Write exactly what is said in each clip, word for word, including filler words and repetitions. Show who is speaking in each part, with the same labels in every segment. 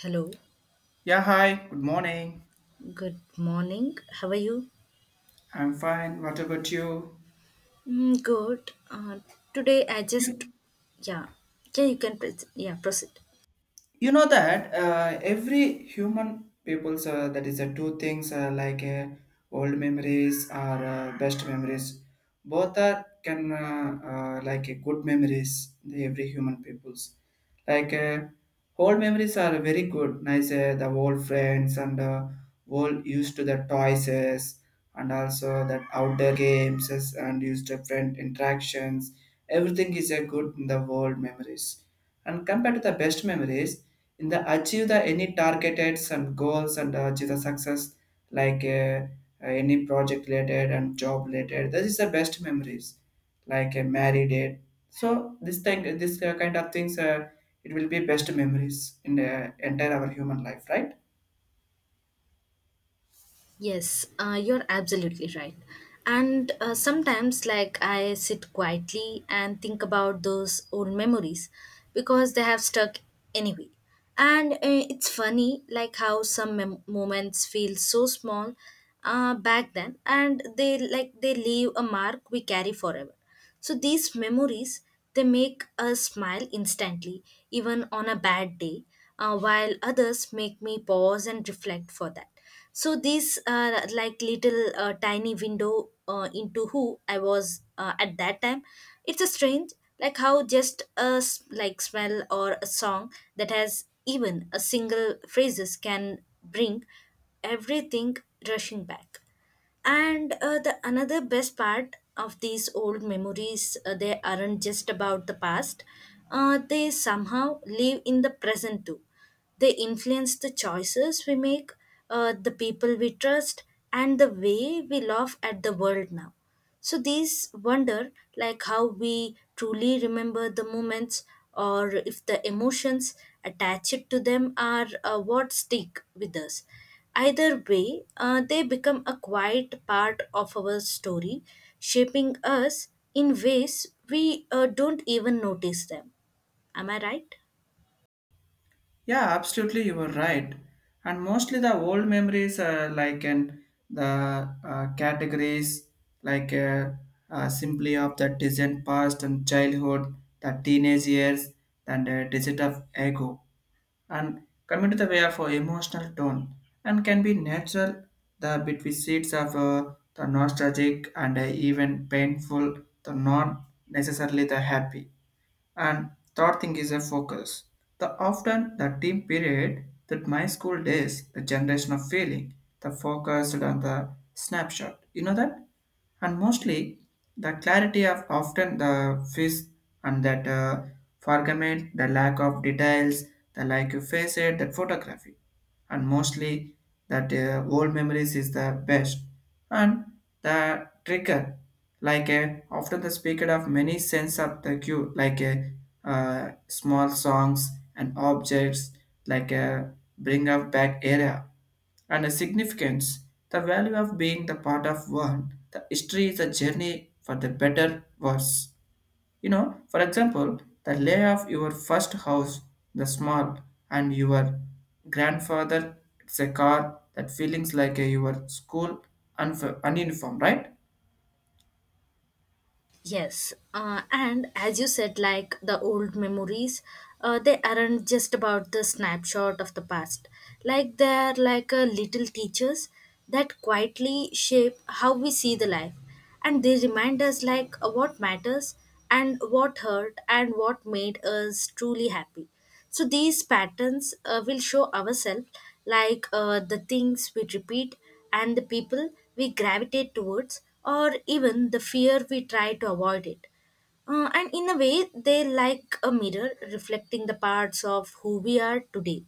Speaker 1: Hello,
Speaker 2: Yeah, hi, good morning.
Speaker 1: good morning. How are you?
Speaker 2: I'm fine. What about you?
Speaker 1: Mm, good. Uh, today I
Speaker 2: Yeah.
Speaker 1: just, yeah, yeah, you can, proce- yeah, proceed.
Speaker 2: you know that uh, every human people's uh, that is uh, two things uh, like uh, old memories or uh, best memories both are can uh, uh, like uh, good memories the every human people's like uh, old memories are very good nice, uh, the old friends and uh, old used to the toys, and also that outdoor games and used to friend interactions. Everything is a good in the world memories, and compared to the best memories in the achieve the any targeted some goals and achieve the success, like uh, uh, any project related and job related. This is the best memories, like a married date. So this thing, this uh, kind of things, uh, it will be best memories in the entire our human life, right?
Speaker 1: Yes, uh, you're absolutely right. And uh, sometimes, like, I sit quietly and think about those old memories because they have stuck anyway. And uh, it's funny, like, how some mem- moments feel so small uh, back then, and they like they leave a mark we carry forever. So these memories they make us smile instantly, even on a bad day, uh, while others make me pause and reflect for that. So these are like little uh, tiny window uh, into who I was uh, at that time. It's a strange, like how just a s- like smell or a song that has even a single phrases can bring everything rushing back and uh, The another best part of these old memories uh, they aren't just about the past, uh, they somehow live in the present too. They influence the choices we make, uh, the people we trust, and the way we laugh at the world now. So these wonder like how we truly remember the moments, or if the emotions attached to them are uh, what stick with us. Either way, uh, they become a quiet part of our story, shaping us in ways we uh, don't even notice them. Am I right?
Speaker 2: Yeah, absolutely, you were right. And mostly the old memories are like in the uh, categories, like uh, uh, simply of the distant past and childhood, the teenage years, and the digit of ego. And coming to the way of uh, emotional tone and can be natural the between seeds of uh, the nostalgic and uh, even painful, the not necessarily the happy, and third thing is a focus. The often the team period, that my school days, the generation of feeling, the focus on the snapshot. You know that? And mostly the clarity of often the face and that uh, forgament, the lack of details, the like you face it, that photography. And mostly that uh, old memories is the best, and the trigger like a often the speaker of many sense of the cue, like a uh, small songs and objects, like a bring up back area and a significance, the value of being the part of one the history is a journey for the better worse. You know, for example, the lay of your first house, the small, and your grandfather, it's a car that feelings like a, your school and uniform, right?
Speaker 1: Yes, uh, and as you said, like the old memories, uh, they aren't just about the snapshot of the past. Like they're like a little teachers that quietly shape how we see the life, and they remind us like uh, what matters and what hurt and what made us truly happy. So these patterns uh, will show ourselves like uh, the things we repeat and the people we gravitate towards, or even the fear we try to avoid it. Uh, and in a way, they like a mirror reflecting the parts of who we are today.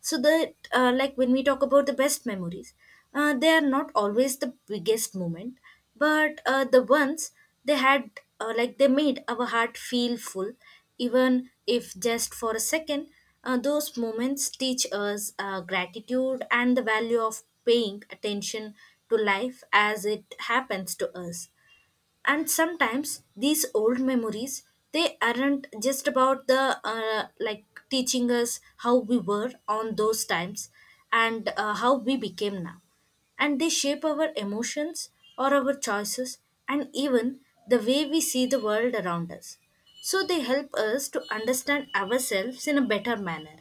Speaker 1: So that, uh, like when we talk about the best memories, uh, they are not always the biggest moment but uh, the ones they had, uh, like they made our heart feel full even if just for a second. Uh, those moments teach us uh, gratitude and the value of paying attention to life as it happens to us. And sometimes these old memories they aren't just about the uh, like teaching us how we were on those times and uh, how we became now, and they shape our emotions or our choices and even the way we see the world around us. So they help us to understand ourselves in a better manner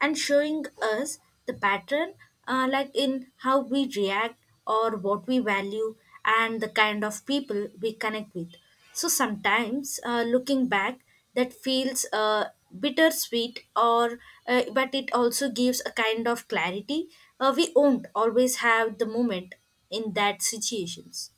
Speaker 1: and showing us the pattern, uh, like in how we react or what we value and the kind of people we connect with. So sometimes uh, looking back, that feels uh, bittersweet, or uh, but it also gives a kind of clarity. Uh, we won't always have the moment in that situations.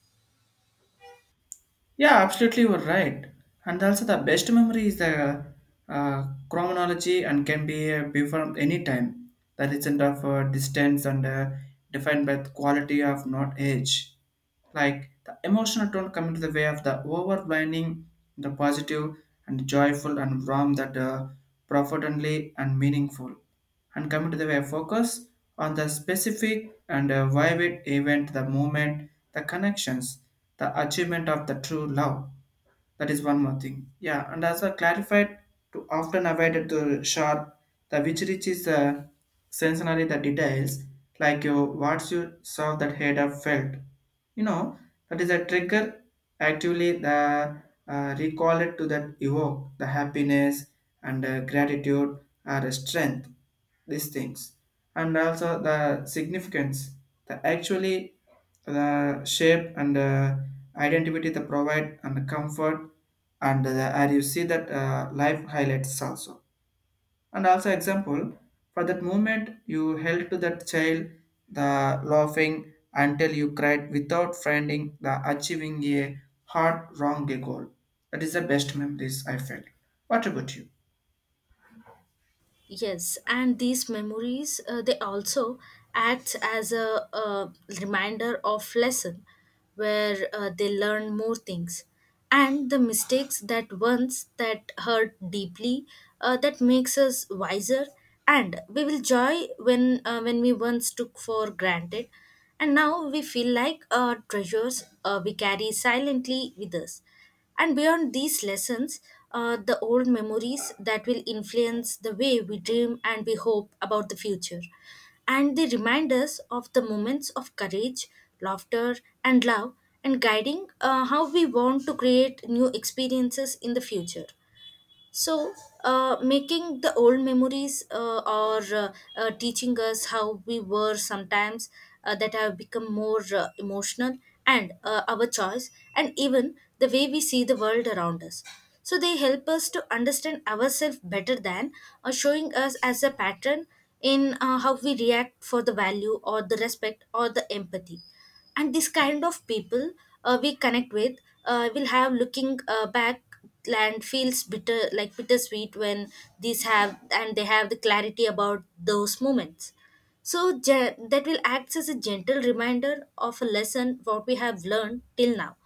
Speaker 2: Yeah, absolutely, you're right. And also, the best memory is the uh, chronology and can be uh, be from any time. That isn't of uh, distance and uh, defined by the quality of not age. Like the emotional tone coming to the way of the overwhelming, the positive and joyful and warm, that uh, profoundly and meaningful. And coming to the way focus on the specific and uh, vivid event, the moment, the connections, the achievement of the true love. That is one more thing. Yeah, and as I clarified, to often avoided the sharp, the which reaches uh, sensory the details, like you what you saw that head of felt, you know, that is a trigger actively the uh, recall it to that evoke the happiness and uh, gratitude or strength, these things. And also the significance, the actually the shape and uh, identity they provide and the comfort, and uh, and you see that uh, life highlights also. And also example for that moment you held to that child, the laughing until you cried without finding the achieving a hard wrong goal. That is the best memories I felt. What about you?
Speaker 1: Yes, and these memories uh, they also act as a, uh reminder of lesson, where uh, they learn more things, and the mistakes that once that hurt deeply, uh, that makes us wiser, and we will joy when uh, when we once took for granted, and now we feel like uh, treasures uh, we carry silently with us. And beyond these lessons, uh, the old memories that will influence the way we dream and we hope about the future. And they remind us of the moments of courage, laughter, and love, and guiding uh, how we want to create new experiences in the future. So uh, making the old memories uh, or uh, uh, teaching us how we were sometimes, uh, that have become more uh, emotional and uh, our choice and even the way we see the world around us. So they help us to understand ourselves better than uh, showing us as a pattern in uh, how we react for the value or the respect or the empathy and this kind of people uh, we connect with. Uh, will have looking uh, back land feels bitter like bittersweet when these have and they have the clarity about those moments. So ge- that will act as a gentle reminder of a lesson what we have learned till now,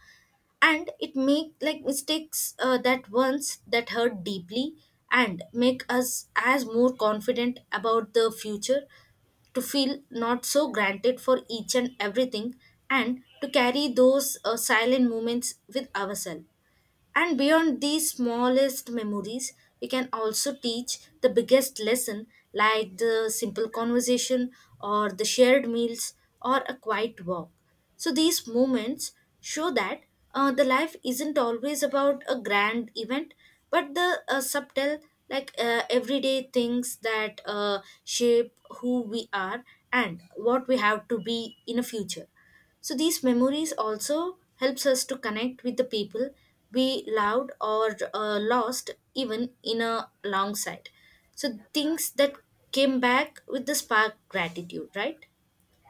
Speaker 1: and it make like mistakes uh, that once that hurt deeply and make us as more confident about the future, to feel not so granted for each and everything, and to carry those uh, silent moments with ourselves. And beyond these smallest memories, we can also teach the biggest lesson like the simple conversation or the shared meals or a quiet walk. So these moments show that uh, the life isn't always about a grand event, but the uh, subtle, like uh, everyday things that uh, shape who we are and what we have to be in a future. So these memories also helps us to connect with the people we loved or uh, lost even in a long side. So things that came back with the spark gratitude, right?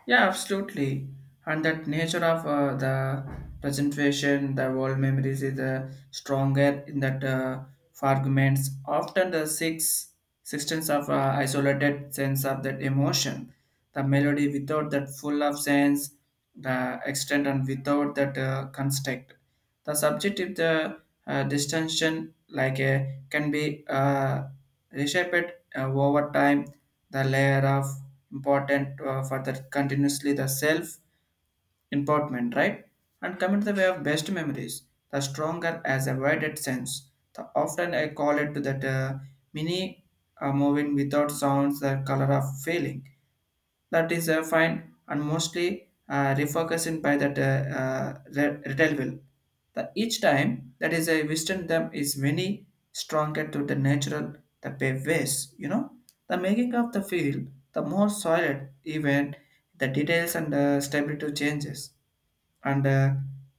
Speaker 2: Yeah, absolutely. And that nature of uh, the presentation, the world memories is uh, stronger in that uh, fragments. Often the six sixteenths of uh, isolated sense of that emotion, the melody without that full of sense, the extent and without that uh, construct. The subjective the uh, uh, distinction like a can be uh, reshaped uh, over time, the layer of important uh, for the continuously the self important, right? And coming to the way of best memories, the stronger as a widened sense, the often I call it to that uh, mini uh, moving without sounds the color of feeling, that is uh, fine, and mostly uh, refocusing by that uh, uh, re- retail will. The each time that is a western them is many stronger to the natural the pathways. You know, the making of the field the more solid even the details and uh, stability changes and uh,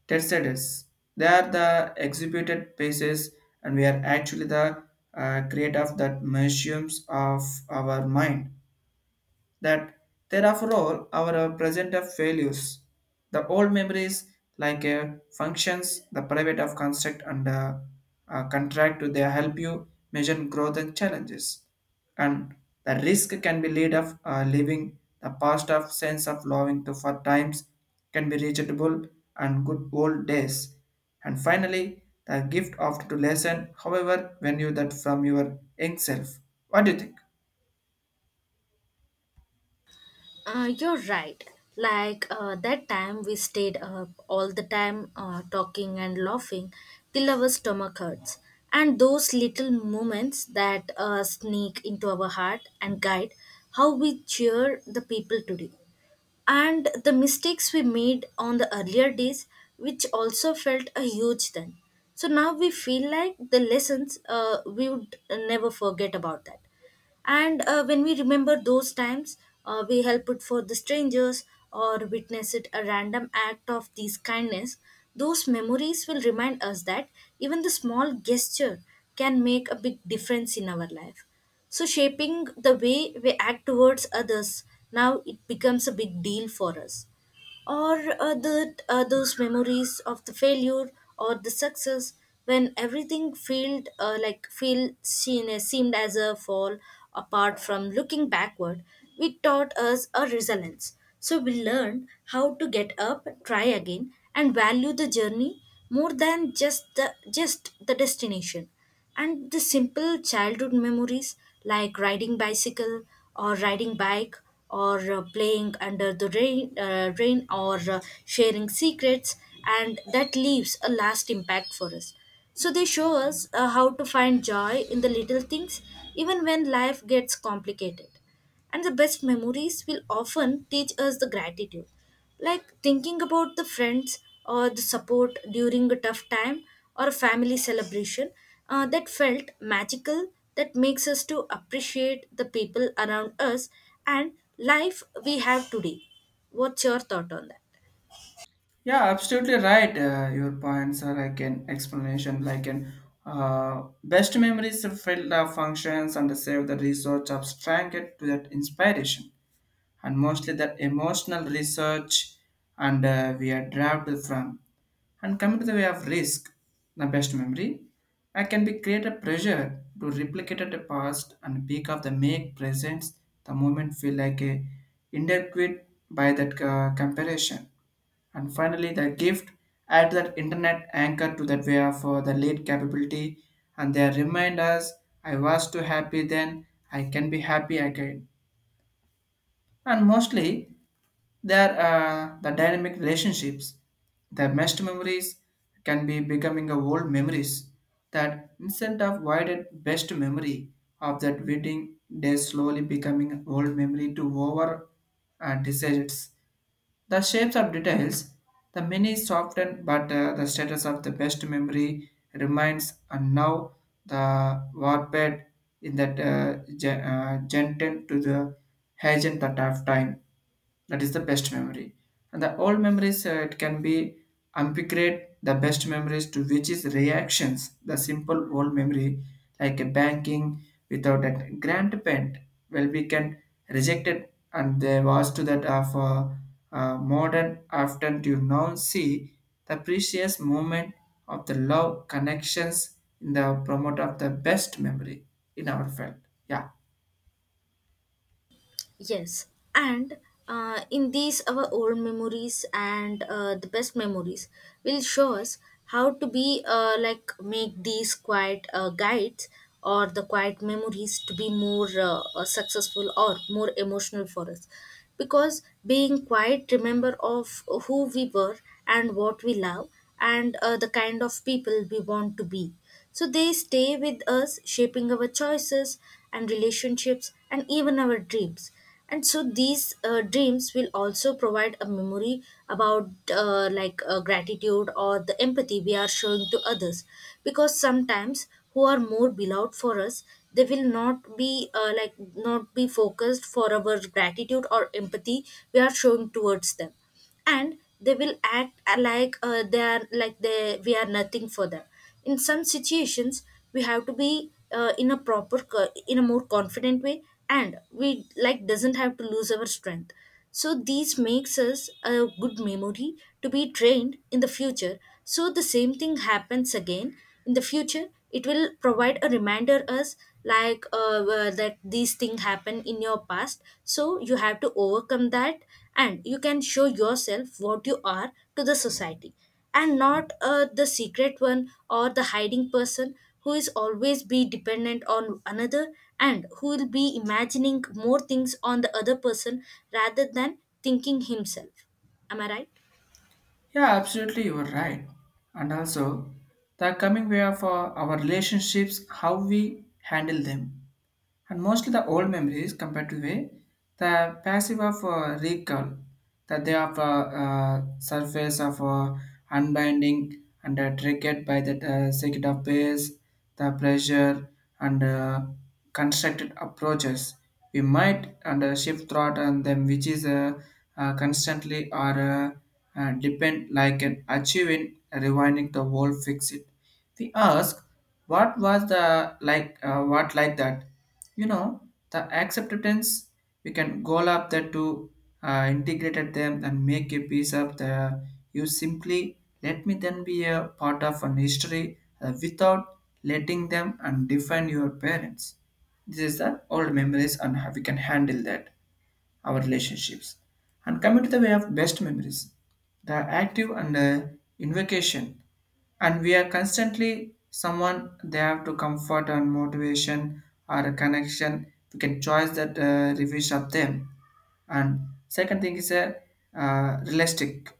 Speaker 2: tercetes. They are the exhibited pieces, and we are actually the uh, create of that museums of our mind that therefore all our uh, present of failures. The old memories, like uh, functions, the private of construct and uh, uh, contract to they help you measure growth and challenges. And the risk can be lead of uh, living the past of sense of loving to for times can be reachable and good old days. And finally, the gift of to lesson, however, when you that from your young self. What do you think?
Speaker 1: Uh, you're right. Like uh, that time we stayed up all the time uh, talking and laughing till our stomach hurts. And those little moments that uh, sneak into our heart and guide how we cheer the people today. And the mistakes we made on the earlier days, which also felt a huge then. So now we feel like the lessons uh, we would never forget about that. And uh, when we remember those times, uh, we help it for the strangers or witness it a random act of these kindness. Those memories will remind us that even the small gesture can make a big difference in our life. So, shaping the way we act towards others now it becomes a big deal for us, or uh, that uh, those memories of the failure or the success when everything felt uh, like feel seen, seemed as a fall apart from looking backward, we taught us a resilience. So we learned how to get up try again and value the journey more than just the just the destination. And the simple childhood memories like riding bicycle or riding bike or uh, playing under the rain, uh, rain or uh, sharing secrets, and that leaves a last impact for us. So they show us uh, how to find joy in the little things even when life gets complicated. And the best memories will often teach us the gratitude, like thinking about the friends or the support during a tough time or a family celebration, uh, that felt magical that makes us to appreciate the people around us and life we have today. What's your thought on that?
Speaker 2: Yeah, absolutely right. Uh, your points are like an explanation, like an uh, best memories fill the functions and save the resource abstract to that inspiration, and mostly that emotional research and uh, we are derived from. And coming to the way of risk, the best memory, I can be create a pressure to replicate the past and peak of the make presents the moment feel like a inadequate by that uh, comparison. And finally, the gift add that internet anchor to that way of uh, the late capability, and they remind us I was too happy then, I can be happy again. And mostly there are the dynamic relationships, the meshed memories can be becoming a old memories. That instant of widened best memory of that wedding day slowly becoming old memory to over uh, decisions. The shapes of details, the many softened, but uh, the status of the best memory remains. And now the warped in that uh, gen- uh, gentle to the agent that of time, that is the best memory. And the old memories, uh, it can be ambiguous the best memories to which is reactions the simple old memory like a banking without a grand paint. Well, we can reject it, and there was to that of uh, uh, modern often to now see the precious moment of the love connections in the promote of the best memory in our field. Yeah.
Speaker 1: Yes, and uh, in these our old memories and uh, the best memories will show us how to be uh, like make these quiet uh, guides or the quiet memories to be more uh, uh, successful or more emotional for us, because being quiet remember of who we were and what we love and uh, the kind of people we want to be. So they stay with us, shaping our choices and relationships and even our dreams. And so these uh, dreams will also provide a memory about uh, like uh, gratitude or the empathy we are showing to others. Because sometimes who are more beloved for us, they will not be uh, like not be focused for our gratitude or empathy we are showing towards them, and they will act like uh, they are like they we are nothing for them. In some situations we have to be uh, in a proper co- in a more confident way, and we like doesn't have to lose our strength. So these makes us a good memory to be trained in the future. So the same thing happens again in the future, it will provide a reminder us like uh, uh, that these things happen in your past, so you have to overcome that and you can show yourself what you are to the society, and not uh, the secret one or the hiding person who is always be dependent on another and who will be imagining more things on the other person rather than thinking himself. Am I right?
Speaker 2: Yeah, absolutely, you are right. And also, the coming way of uh, our relationships, how we handle them. And mostly the old memories compared to way the passive of uh, recall that they have uh, uh, surface of uh, unbinding and uh, triggered by the uh, circuit of base the pressure, and uh, constructed approaches we might and uh, shift throughout on them, which is uh, uh, constantly or uh, uh, depend like an achieving rewinding the whole fix it. We ask, what was the like uh, what like that, you know, the acceptance we can go up there to uh, integrated them and make a piece of the you simply let me then be a part of an history uh, without letting them and define your parents. This is the old memories and how we can handle that our relationships. And coming to the way of best memories, the active and uh, invocation, and we are constantly someone they have to comfort and motivation or a connection. We can choose that uh, reviews of them. And second thing is a uh, realistic,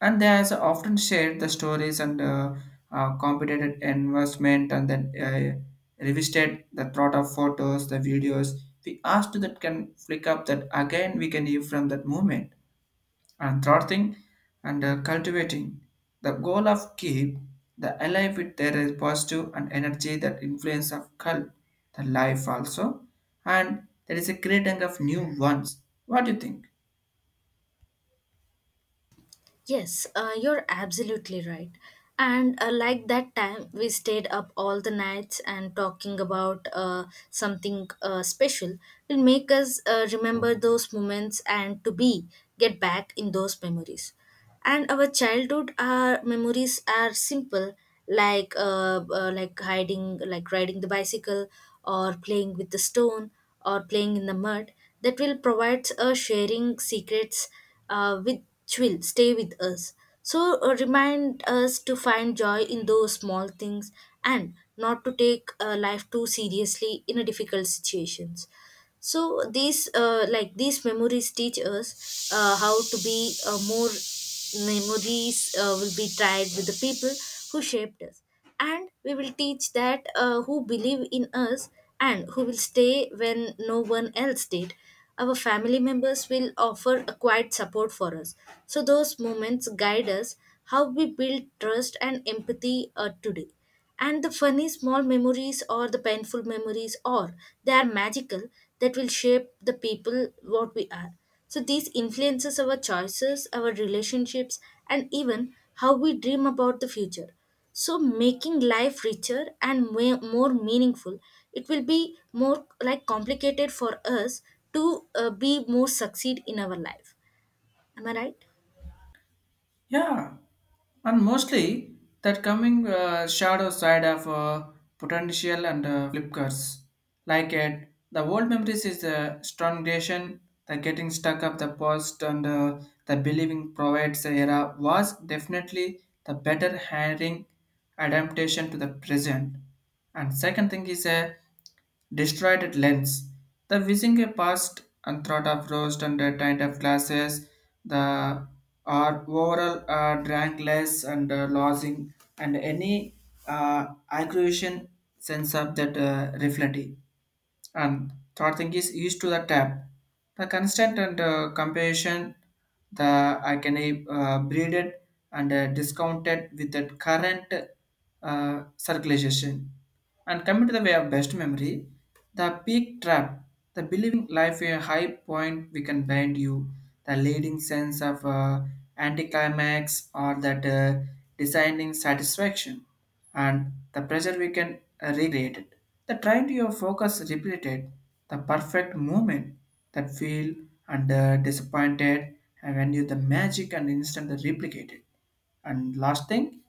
Speaker 2: and they has often shared the stories and uh, uh, competent investment, and then uh, revisited the thought of photos, the videos, we asked that can flick up that again, we can hear from that movement. And third thing, and uh, cultivating the goal of keep the alive with their positive and energy that influence of cult the life also, and there is a creating of new ones. What do you think?
Speaker 1: Yes, uh, you're absolutely right. And uh, like that time, we stayed up all the nights and talking about uh, something uh, special will make us uh, remember those moments and to be get back in those memories. And our childhood, our memories are simple, like uh, uh, like hiding, like riding the bicycle, or playing with the stone, or playing in the mud, that will provide a sharing secrets uh, which will stay with us. So uh, remind us to find joy in those small things and not to take uh, life too seriously in a difficult situations. So these uh, like these memories teach us uh, how to be uh, more memories uh, will be tied with the people who shaped us, and we will teach that uh, who believe in us and who will stay when no one else did. Our family members will offer a quiet support for us, so those moments guide us how we build trust and empathy uh, today. And the funny small memories or the painful memories, or they are magical, that will shape the people what we are. So these influences our choices, our relationships, and even how we dream about the future. So making life richer and way more meaningful, it will be more like complicated for us to uh, be more succeed in our life. Am I right?
Speaker 2: Yeah. And mostly that coming uh, shadow side of uh, potential and uh, flip curves. Like it, the old memories is the strongation, the getting stuck of the past and uh, the believing provides era was definitely the better hiring adaptation to the present. And second thing is a destroyed at lens. The whizzing passed and thought of roast and a tint of glasses, the are overall uh, drank less and uh, losing, and any uh, aggravation sense of that uh, reflecting. And third thing is used to the tab, the constant and uh, comparison, the I can uh, breed it and uh, discounted with the current uh, circulation. And coming to the way of best memory, the peak trap, the believing life a high point we can bind you, the leading sense of uh, anticlimax or that uh, designing satisfaction, and the pressure we can recreate it. The trying to your focus repeated the perfect moment that feel and uh, disappointed, and when you the magic and instant replicated. And last thing,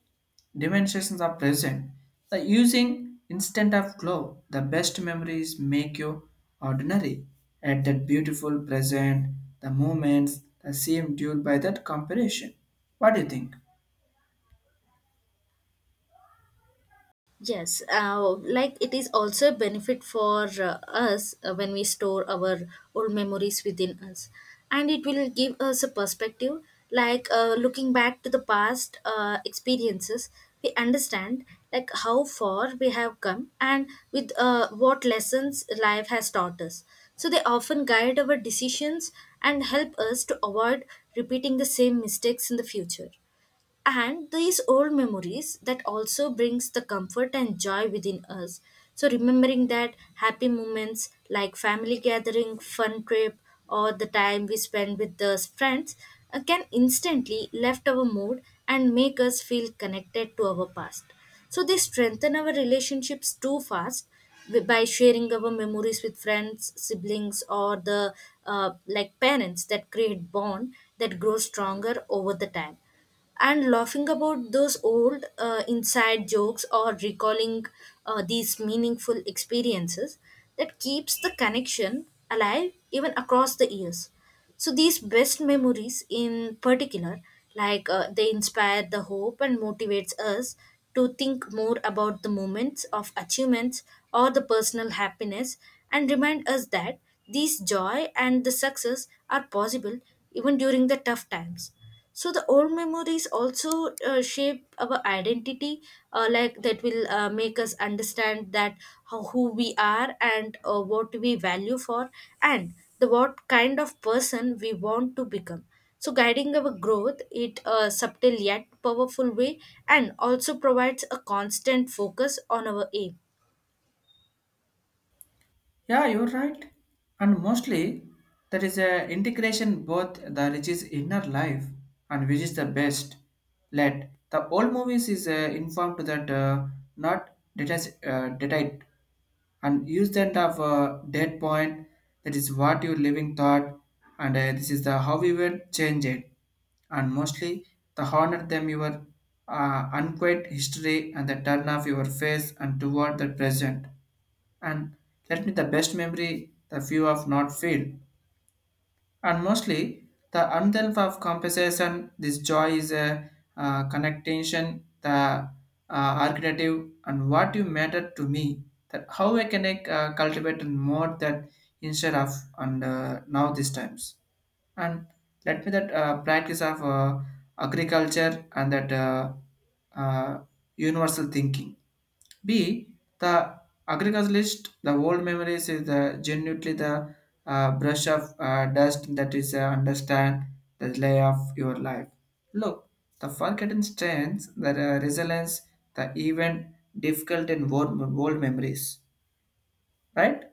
Speaker 2: dimensions are present. The using instant of glow, the best memories make you ordinary. At that beautiful present, the moments that seem dulled by that comparison. What do you think?
Speaker 1: Yes, uh, like it is also a benefit for uh, us uh, when we store our old memories within us, and it will give us a perspective. Like uh, looking back to the past uh, experiences, we understand like how far we have come and with uh, what lessons life has taught us. So they often guide our decisions and help us to avoid repeating the same mistakes in the future. And these old memories that also brings the comfort and joy within us. So remembering that happy moments like family gathering fun trip, or the time we spend with those friends, uh, can instantly lift our mood and make us feel connected to our past. So they strengthen our relationships too fast, wi- by sharing our memories with friends, siblings, or the uh, like parents, that create bond that grows stronger over the time. And laughing about those old uh, inside jokes, or recalling uh, these meaningful experiences, that keeps the connection alive even across the years. So these best memories in particular, like uh, they inspire the hope and motivates us to think more about the moments of achievements or the personal happiness. And remind us that these joy and the success are possible even during the tough times. So the old memories also uh, shape our identity, uh, like that will uh, make us understand that how, who we are, and uh, what we value for, and the what kind of person we want to become. So guiding our growth it a subtle yet powerful way, and also provides a constant focus on our aim.
Speaker 2: Yeah, you're right. And mostly, there is a integration both the rich's inner life and which is the best. Let the old movies is uh, informed that uh, not detached, uh, detached and use that of uh, dead point. That is what your living thought, and uh, this is the how we will change it. And mostly, the honor them your uh, unquiet history and the turn of your face and toward the present and let me the best memory the view of not feel and mostly the unself of compensation this joy is a uh, connectation the uh, archetype and what you matter to me that how I can uh, cultivate and more that instead of and uh, now these times and let me that uh, practice of uh, agriculture and that uh, uh, universal thinking B. The agriculturalist, the old memories is the genuinely the uh, brush of uh, dust that is uh, understand the lay of your life. Look, the forgotten strengths, the uh, resilience, the even difficult and old, old memories, right?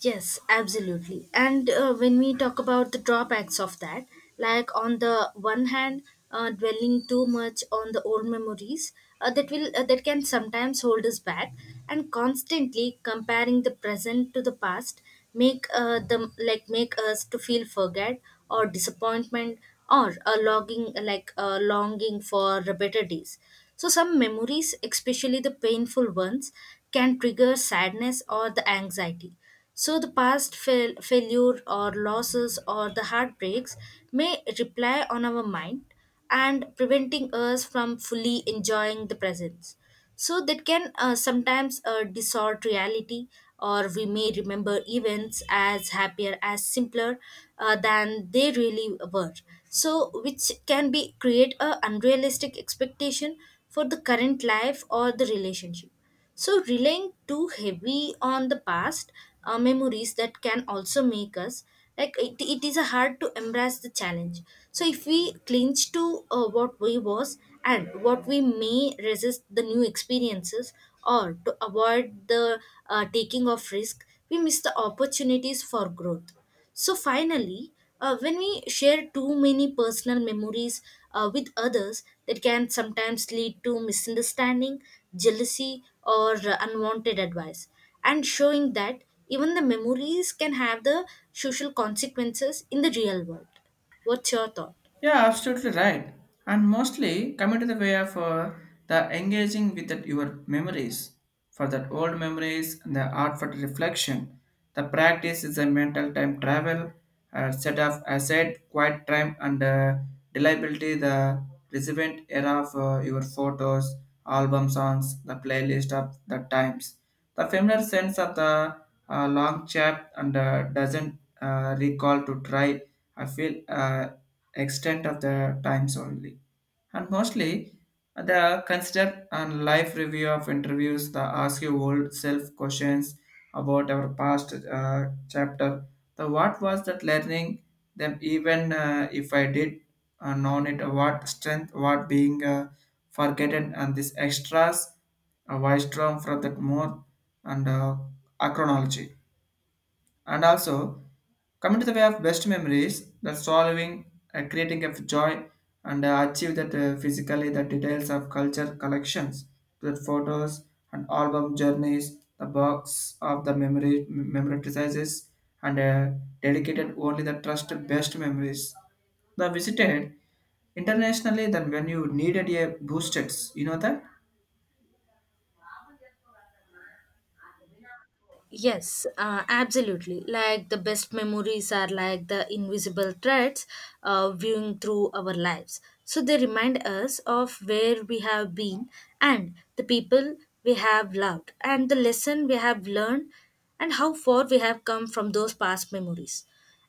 Speaker 1: Yes, absolutely. And uh, when we talk about the drawbacks of that, like on the one hand, uh, dwelling too much on the old memories uh, that will uh, that can sometimes hold us back. And constantly comparing the present to the past make uh, them, like, make us to feel forget or disappointment, or a longing, like a longing for better days. So some memories, especially the painful ones, can trigger sadness or the anxiety. So the past fail, failure, or losses, or the heartbreaks may reply on our mind and preventing us from fully enjoying the present. So that can uh, sometimes uh, distort reality, or we may remember events as happier as simpler uh, than they really were. So which can be create a unrealistic expectation for the current life or the relationship. So, relying too heavy on the past uh, memories that can also make us like it, it is a hard to embrace the challenge. So, if we clinch to uh, what we was and what we may resist the new experiences, or to avoid the uh, taking of risk, we miss the opportunities for growth. So finally, uh, when we share too many personal memories uh, with others, that can sometimes lead to misunderstanding, jealousy, or uh, unwanted advice. And showing that even the memories can have the social consequences in the real world. What's your thought?
Speaker 2: Yeah, absolutely right. And mostly coming to the way of uh, the engaging with that your memories. For that old memories and the art for the reflection, the practice is a mental time travel, a set of asset, quiet time, and uh, reliability. The relevant era of uh, your photos, album songs, the playlist of the times the familiar sense of the uh, long chap and uh, doesn't uh, recall to try. I feel uh, extent of the times only, and mostly the consider and live review of interviews that ask you old self questions about our past uh, chapter the what was that learning them even uh, if I did uh, known it uh, what strength what being uh, forgotten and this extras a uh, wise term for that more and uh, chronology. And also, coming to the way of best memories, that solving, uh, creating of joy, and uh, achieve that uh, physically the details of culture collections, the photos and album journeys, the box of the memory memorizes, and uh, dedicated only the trust best memories. The visited internationally than when you needed a boosted, you know that?
Speaker 1: Yes, uh, absolutely. Like the best memories are like the invisible threads uh, viewing through our lives. So they remind us of where we have been, and the people we have loved, and the lesson we have learned, and how far we have come from those past memories.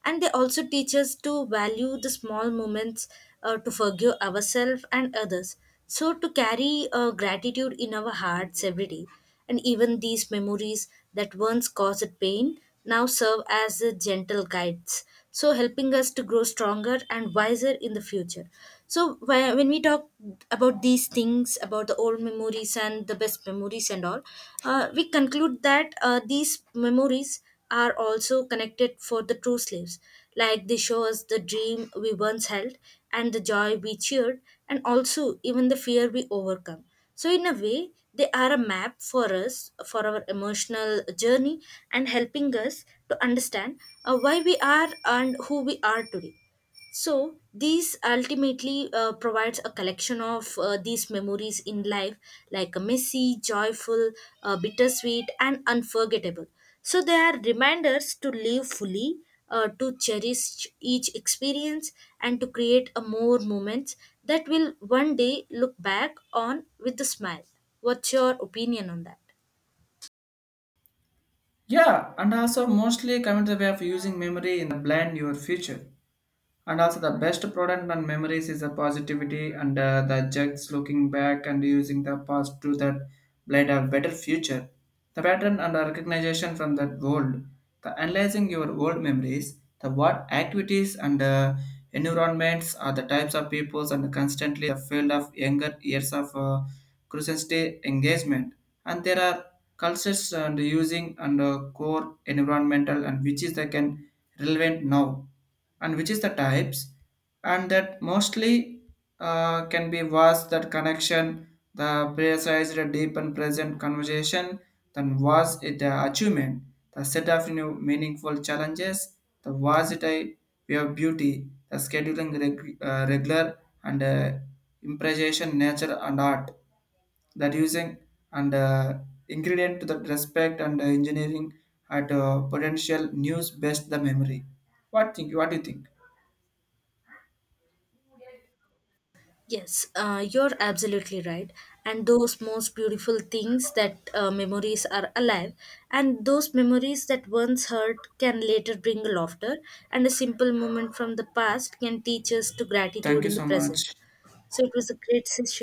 Speaker 1: And they also teach us to value the small moments, uh, to forgive ourselves and others. So, to carry uh, gratitude in our hearts every day. And even these memories that once caused pain now serve as the gentle guides, so helping us to grow stronger and wiser in the future. So whe- when we talk about these things, about the old memories and the best memories and all, uh, we conclude that uh, these memories are also connected for the true slaves, like they show us the dream we once held, and the joy we cheered, and also even the fear we overcome. So in a way, they are a map for us, for our emotional journey, and helping us to understand uh, why we are and who we are today. So these ultimately uh, provides a collection of uh, these memories in life, like a messy, joyful, uh, bittersweet, and unforgettable. So they are reminders to live fully, uh, to cherish each experience, and to create a more moments that will one day look back on with a smile. What's your opinion on that?
Speaker 2: Yeah, and also mostly coming to the way of using memory in the blend your future. And also the best product and memories is the positivity and uh, the jugs looking back and using the past to that blade a better future the pattern and the recognition from that world the analyzing your old memories the what activities and uh, environments are the types of peoples and constantly the field of younger years of uh, curiosity engagement and there are cultures and using and uh, core environmental and which is they can relevant now and which is the types and that mostly uh, can be was that connection the precise the deep and present conversation then was it the achievement the set of new meaningful challenges the was it a way of beauty the scheduling reg- uh, regular and uh, improvisation nature and art that using and uh, ingredient to that respect and uh, engineering at uh, potential news best the memory what think what do you think
Speaker 1: Yes, uh, you're absolutely right. And those most beautiful things that uh, memories are alive, and those memories that once hurt can later bring laughter, and a simple moment from the past can teach us to
Speaker 2: thank
Speaker 1: gratitude
Speaker 2: you
Speaker 1: in the
Speaker 2: so much
Speaker 1: present. So it was a great session.